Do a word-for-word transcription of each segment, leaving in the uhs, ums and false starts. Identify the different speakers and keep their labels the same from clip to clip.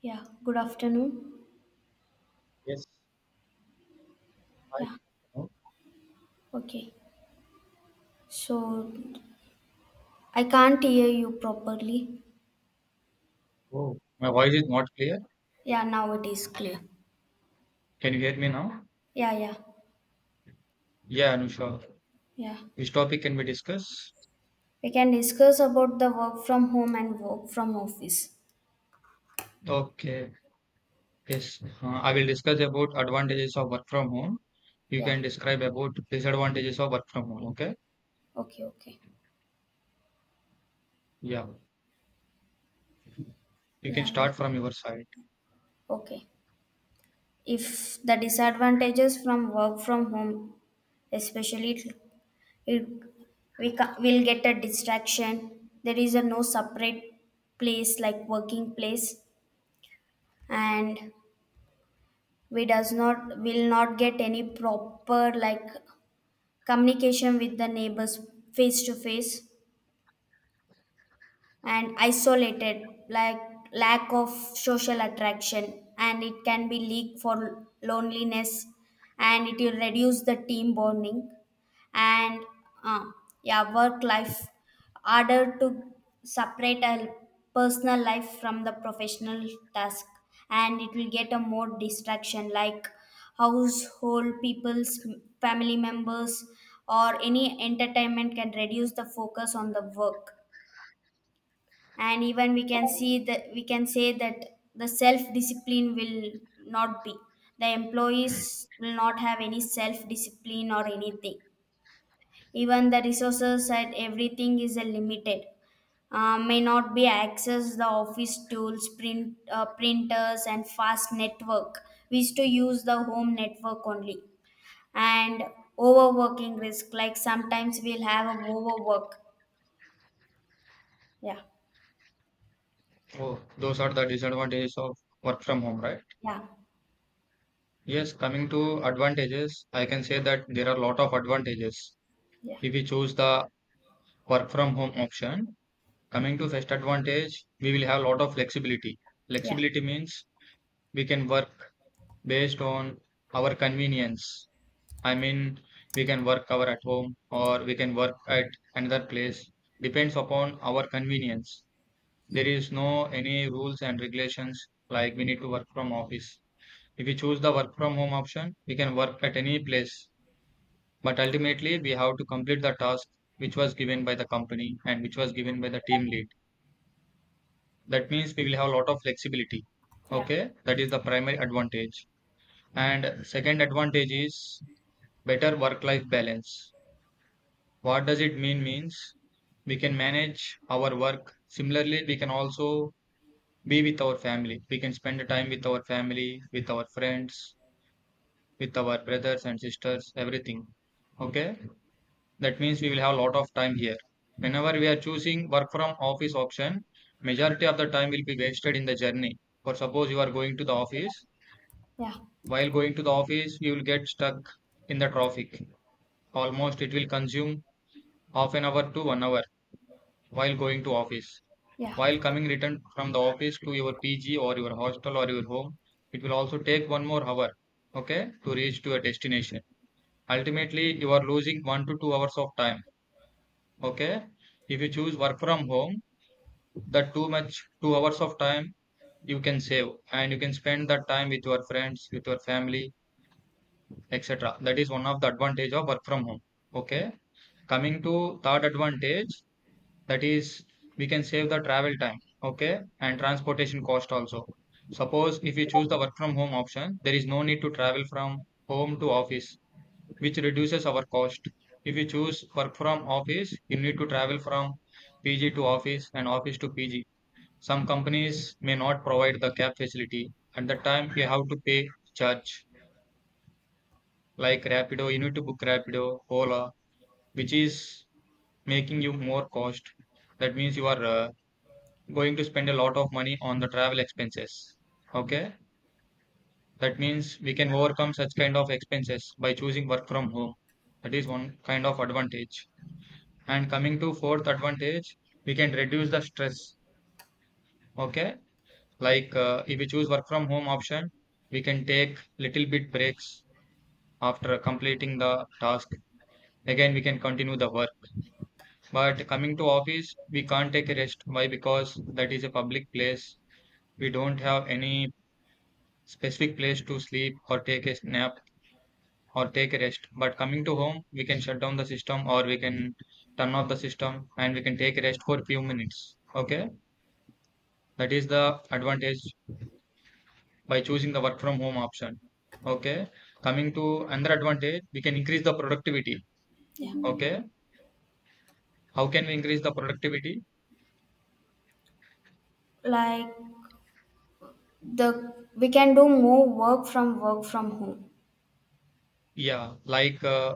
Speaker 1: Yeah, good afternoon.
Speaker 2: Yes, I
Speaker 1: Yeah,
Speaker 2: oh,
Speaker 1: okay. So I can't hear you properly.
Speaker 2: oh, my voice is not clear.
Speaker 1: Yeah, now it is clear.
Speaker 2: Can you hear me now?
Speaker 1: Yeah, yeah,
Speaker 2: Yeah, Anusha,
Speaker 1: yeah.
Speaker 2: which topic can we discuss?
Speaker 1: We can discuss about the work from home and work from office.
Speaker 2: Okay, yes, uh, I will discuss about advantages of work from home. You
Speaker 1: Yeah,
Speaker 2: can describe about disadvantages of work from home. Okay,
Speaker 1: okay, okay.
Speaker 2: yeah, you can
Speaker 1: Yeah, we-
Speaker 2: start from your side.
Speaker 1: okay. If the disadvantages from work from home, especially it, it we ca- will get a distraction. There is a no separate place like working place, and we does not will not get any proper like communication with the neighbors face to face, and isolated, like lack of social attraction, and it can be leak for loneliness, and it will reduce the team bonding, and uh, yeah, work life harder to separate a personal life from the professional task, and it will get a more distraction like household people's family members or any entertainment can reduce the focus on the work. And even we can see that, we can say that the self discipline will not be, the employees will not have any self discipline or anything. Even the resources and everything is uh, limited, uh, may not be access the office tools, print uh, printers and fast network. We used to use the home network only. And overworking risk, like sometimes we'll have a overwork. Yeah,
Speaker 2: Oh, those are the disadvantages of work from home, right?
Speaker 1: yeah,
Speaker 2: Yes, coming to advantages, I can say that there are a lot of advantages
Speaker 1: yeah,
Speaker 2: if we choose the work from home option. Coming to first advantage, we will have a lot of flexibility.
Speaker 1: yeah,
Speaker 2: Flexibility means we can work based on our convenience. I mean, we can work our at home or we can work at another place. Depends upon our convenience. There is no any rules and regulations like we need to work from office. If we choose the work from home option, we can work at any place. But ultimately, we have to complete the task which was given by the company and which was given by the team lead. That means we will have a lot of flexibility.
Speaker 1: yeah,
Speaker 2: Okay, that is the primary advantage. And second advantage is better work-life balance. What does it mean? Means we can manage our work. Similarly, we can also be with our family. We can spend the time with our family, with our friends, with our brothers and sisters, everything. Okay. That means we will have a lot of time here. Whenever we are choosing work from office option, majority of the time will be wasted in the journey. For suppose you are going to the office,
Speaker 1: yeah.
Speaker 2: while going to the office, you will get stuck in the traffic. Almost it will consume half an hour to one hour while going to office.
Speaker 1: Yeah,
Speaker 2: While coming return from the office to your P G or your hostel or your home, it will also take one more hour, okay, to reach to a destination. Ultimately, you are losing one to two hours of time, okay. If you choose work from home, that too much two hours of time you can save and you can spend that time with your friends with your family etc. That is one of the advantage of work from home. Okay, coming to third advantage, that is we can save the travel time. Okay, and transportation cost also. Suppose if we choose the work from home option, there is no need to travel from home to office, which reduces our cost. If we choose work from office, you need to travel from PG to office and office to PG. Some companies may not provide the cab facility. At the time, you have to pay charge. Like Rapido, you need to book Rapido, Ola, which is making you more cost. That means you are uh, going to spend a lot of money on the travel expenses. Okay, that means we can overcome such kind of expenses by choosing work from home. That is one kind of advantage. And coming to fourth advantage, we can reduce the stress. Okay. Like uh, if we choose work from home option, we can take little bit breaks after completing the task. Again, we can continue the work. But coming to office, we can't take a rest. Why? Because that is a public place. We don't have any specific place to sleep or take a nap or take a rest. But coming to home, we can shut down the system or we can turn off the system and we can take a rest for few minutes. Okay, that is the advantage by choosing the work from home option. Okay. Coming to another advantage, we can increase the productivity. Okay. How can we increase the productivity?
Speaker 1: like the we can do more work from work from home.
Speaker 2: Yeah. Like, uh,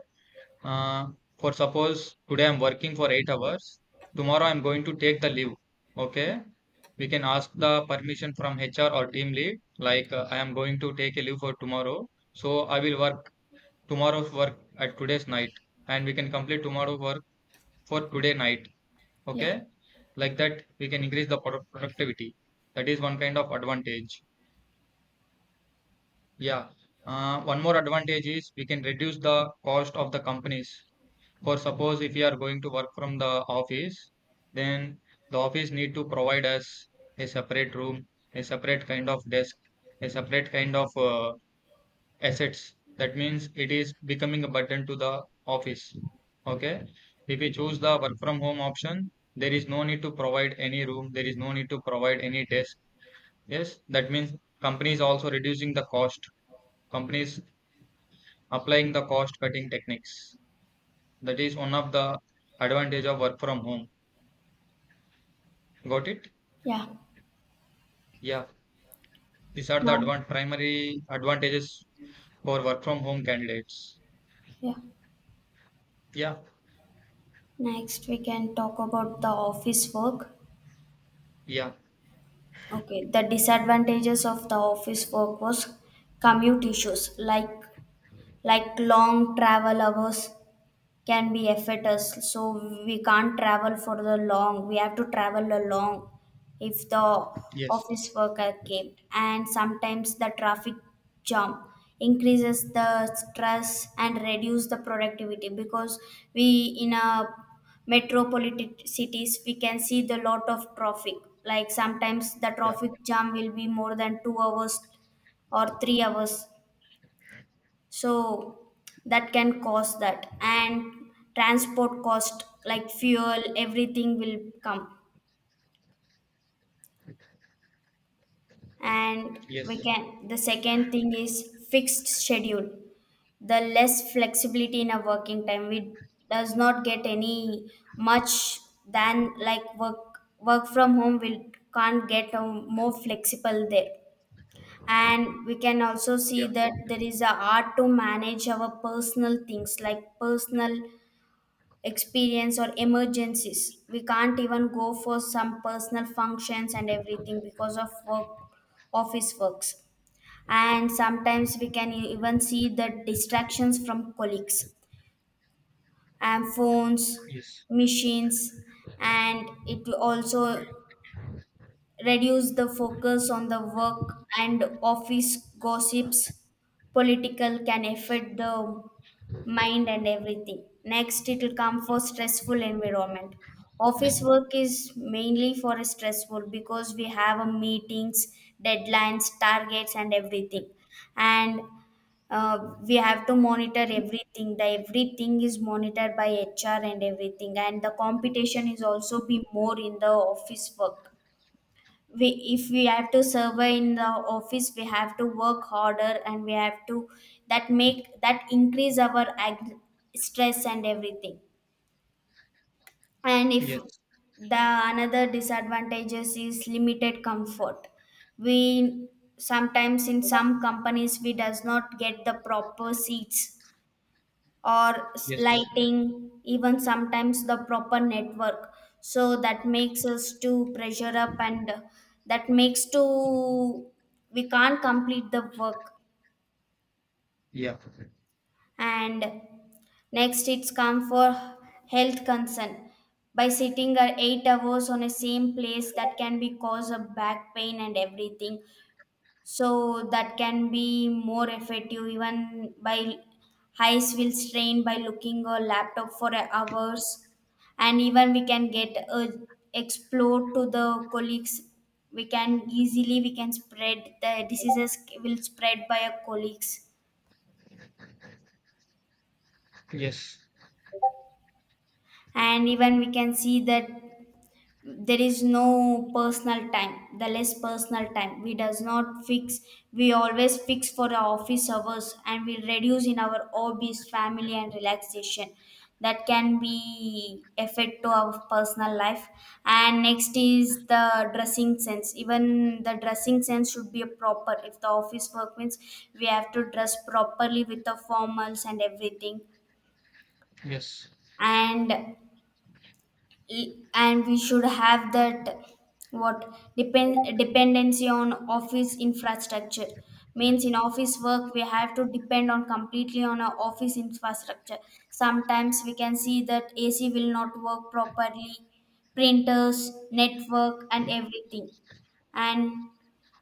Speaker 2: uh, for suppose today I'm working for eight hours, tomorrow I'm going to take the leave. Okay. We can ask the permission from H R or team lead, like, uh, I am going to take a leave for tomorrow. So I will work tomorrow's work at today's night, and we can complete tomorrow's work for today night.
Speaker 1: Yeah,
Speaker 2: Okay, like that we can increase the product productivity. That is one kind of advantage. Yeah, uh, one more advantage is we can reduce the cost of the companies. For suppose if you are going to work from the office, then the office need to provide us a separate room, a separate kind of desk, a separate kind of uh, assets. That means it is becoming a burden to the office. Okay. If we choose the work from home option, there is no need to provide any room. There is no need to provide any desk. Yes. That means companies also reducing the cost. Companies applying the cost cutting techniques. That is one of the advantage of work from home. Got it?
Speaker 1: yeah.
Speaker 2: Yeah. These are the
Speaker 1: Now,
Speaker 2: advan primary advantages for work from home candidates.
Speaker 1: yeah.
Speaker 2: Yeah.
Speaker 1: Next, we can talk about the office work.
Speaker 2: Yeah.
Speaker 1: Okay, the disadvantages of the office work was commute issues, like like long travel hours can be affect us. So we can't travel for the long, we have to travel along if the
Speaker 2: Yes.
Speaker 1: office worker came. And sometimes the traffic jam increases the stress and reduce the productivity, because we, in a metropolitan cities, we can see the lot of traffic. Like sometimes the
Speaker 2: Yeah.
Speaker 1: traffic jam will be more than two hours or three hours, so that can cause that. And transport cost like fuel, everything will come. And we
Speaker 2: Yes.
Speaker 1: can, the second thing is fixed schedule, the less flexibility in our working time. We does not get any much than like work work from home, we can't get a more flexible there. And we can also see
Speaker 2: Yeah.
Speaker 1: that there is a art to manage our personal things, like personal experience or emergencies. We can't even go for some personal functions and everything because of work, office works. And sometimes we can e-, even see the distractions from colleagues and phones,
Speaker 2: Yes.
Speaker 1: machines, and it also reduce the focus on the work. And office gossips, political can affect the mind and everything. Next, it will come for stressful environment. Office work is mainly for a stressful, because we have a meetings, deadlines, targets and everything. And uh, we have to monitor everything, the everything is monitored by HR and everything. And the competition is also be more in the office work. We if we have to survey in the office, we have to work harder, and we have to that make that increase our ag- stress and everything. And if
Speaker 2: Yes,
Speaker 1: the another disadvantages is limited comfort. We sometimes in some companies, we does not get the proper seats or s-
Speaker 2: yes,
Speaker 1: lighting, even sometimes the proper network. So that makes us to pressure up, and that makes to we can't complete the work.
Speaker 2: yeah,
Speaker 1: And next it's come for health concern. By sitting at eight hours on a same place, that can be cause a back pain and everything. So that can be more effective. Even by eyes will strain by looking a laptop for hours. And even we can get a explore to the colleagues, we can easily, we can spread the diseases, will spread by our colleagues.
Speaker 2: yes,
Speaker 1: And even we can see that there is no personal time, the less personal time. We does not fix, we always fix for our office hours, and we reduce in our hobbies, family and relaxation. That can be effect to our personal life. And next is the dressing sense, even the dressing sense should be a proper. If the office work means, we have to dress properly with the formals and everything.
Speaker 2: yes,
Speaker 1: And and we should have that, what depend dependency on office infrastructure. Means in office work, we have to depend on completely on our office infrastructure. Sometimes we can see that AC will not work properly, printers, network and everything. And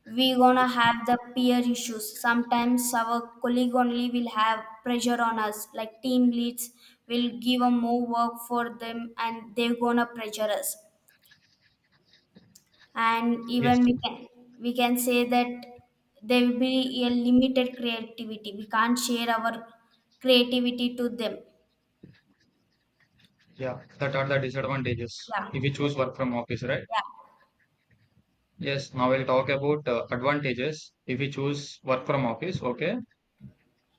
Speaker 1: we gonna have the peer issues. Sometimes our colleague only will have pressure on us, like team leads will give a more work for them, and they're gonna pressure us. And
Speaker 2: yes,
Speaker 1: even we can we can say that there will be a limited creativity, we can't share our creativity to them.
Speaker 2: yeah. That are the disadvantages
Speaker 1: Yeah,
Speaker 2: if we choose work from office, right?
Speaker 1: yeah,
Speaker 2: Yes, now we'll talk about uh, advantages if we choose work from office, okay?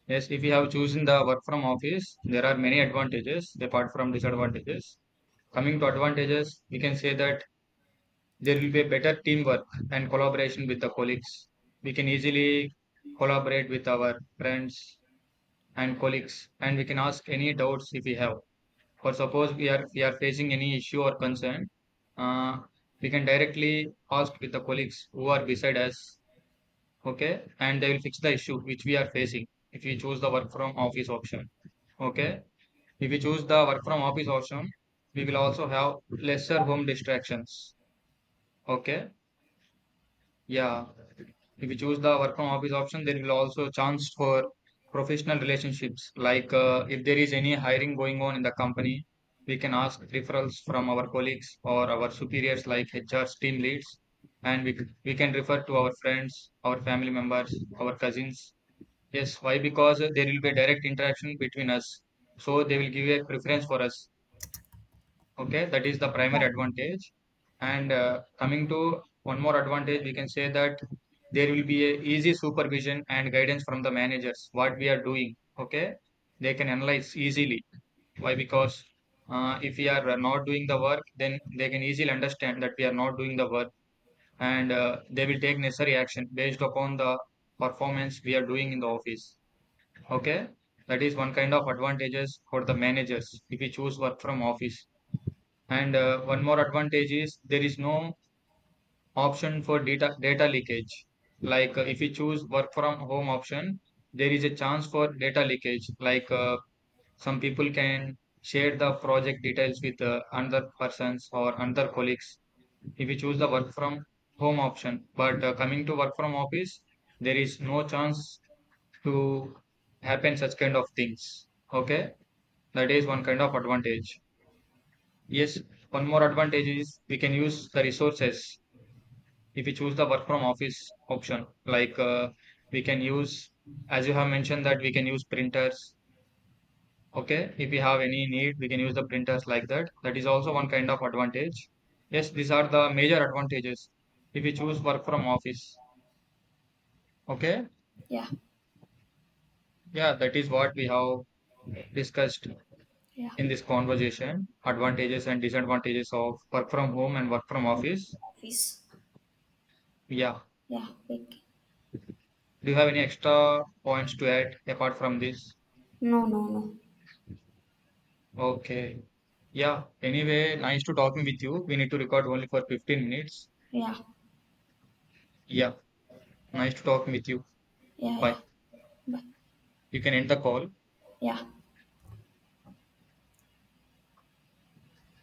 Speaker 2: Yes, if you have chosen the work from office, there are many advantages apart from disadvantages. Coming to advantages, we can say that there will be a better teamwork and collaboration with the colleagues. We can easily collaborate with our friends and colleagues, and we can ask any doubts if we have. For suppose we are we are facing any issue or concern, uh, we can directly ask with the colleagues who are beside us, okay, and they will fix the issue which we are facing if we choose the work from office option. Okay, if we choose the work from office option, we will also have lesser home distractions. Okay. Yeah, if you choose the work from office option, there will also chance for professional relationships. Like uh, if there is any hiring going on in the company, we can ask referrals from our colleagues or our superiors, like H R team leads, and we we can refer to our friends, our family members, our cousins. Yes, why? Because there will be a direct interaction between us, so they will give a preference for us. Okay, that is the primary advantage. And uh, coming to one more advantage, we can say that there will be a easy supervision and guidance from the managers. What we are doing, okay, they can analyze easily. Why? Because uh, if we are not doing the work, then they can easily understand that we are not doing the work, and uh, they will take necessary action based upon the performance we are doing in the office. Okay, that is one kind of advantages for the managers if we choose work from office. And uh, one more advantage is there is no option for data data leakage. Like uh, if you choose work from home option, there is a chance for data leakage. Like uh, some people can share the project details with uh, another persons or another colleagues. If you choose the work from home option, but uh, coming to work from office, there is no chance to happen such kind of things. Okay, that is one kind of advantage. Yes, one more advantage is we can use the resources if we choose the work from office option. Like uh, we can use, as you have mentioned, that we can use printers. Okay, if we have any need, we can use the printers like that. That is also one kind of advantage. Yes, these are the major advantages if we choose work from office. Okay,
Speaker 1: yeah,
Speaker 2: yeah, that is what we have discussed
Speaker 1: yeah,
Speaker 2: in this conversation advantages and disadvantages of work from home and work from
Speaker 1: yeah.
Speaker 2: office.
Speaker 1: Office.
Speaker 2: Yeah.
Speaker 1: Yeah, okay.
Speaker 2: Do you have any extra points to add apart from this?
Speaker 1: No, no, no.
Speaker 2: Okay. Yeah. Anyway, nice to talking with you. We need to record only for fifteen minutes.
Speaker 1: Yeah,
Speaker 2: Yeah. Nice to talking with you.
Speaker 1: yeah, yeah.
Speaker 2: Bye.
Speaker 1: But
Speaker 2: You can end the call.
Speaker 1: yeah.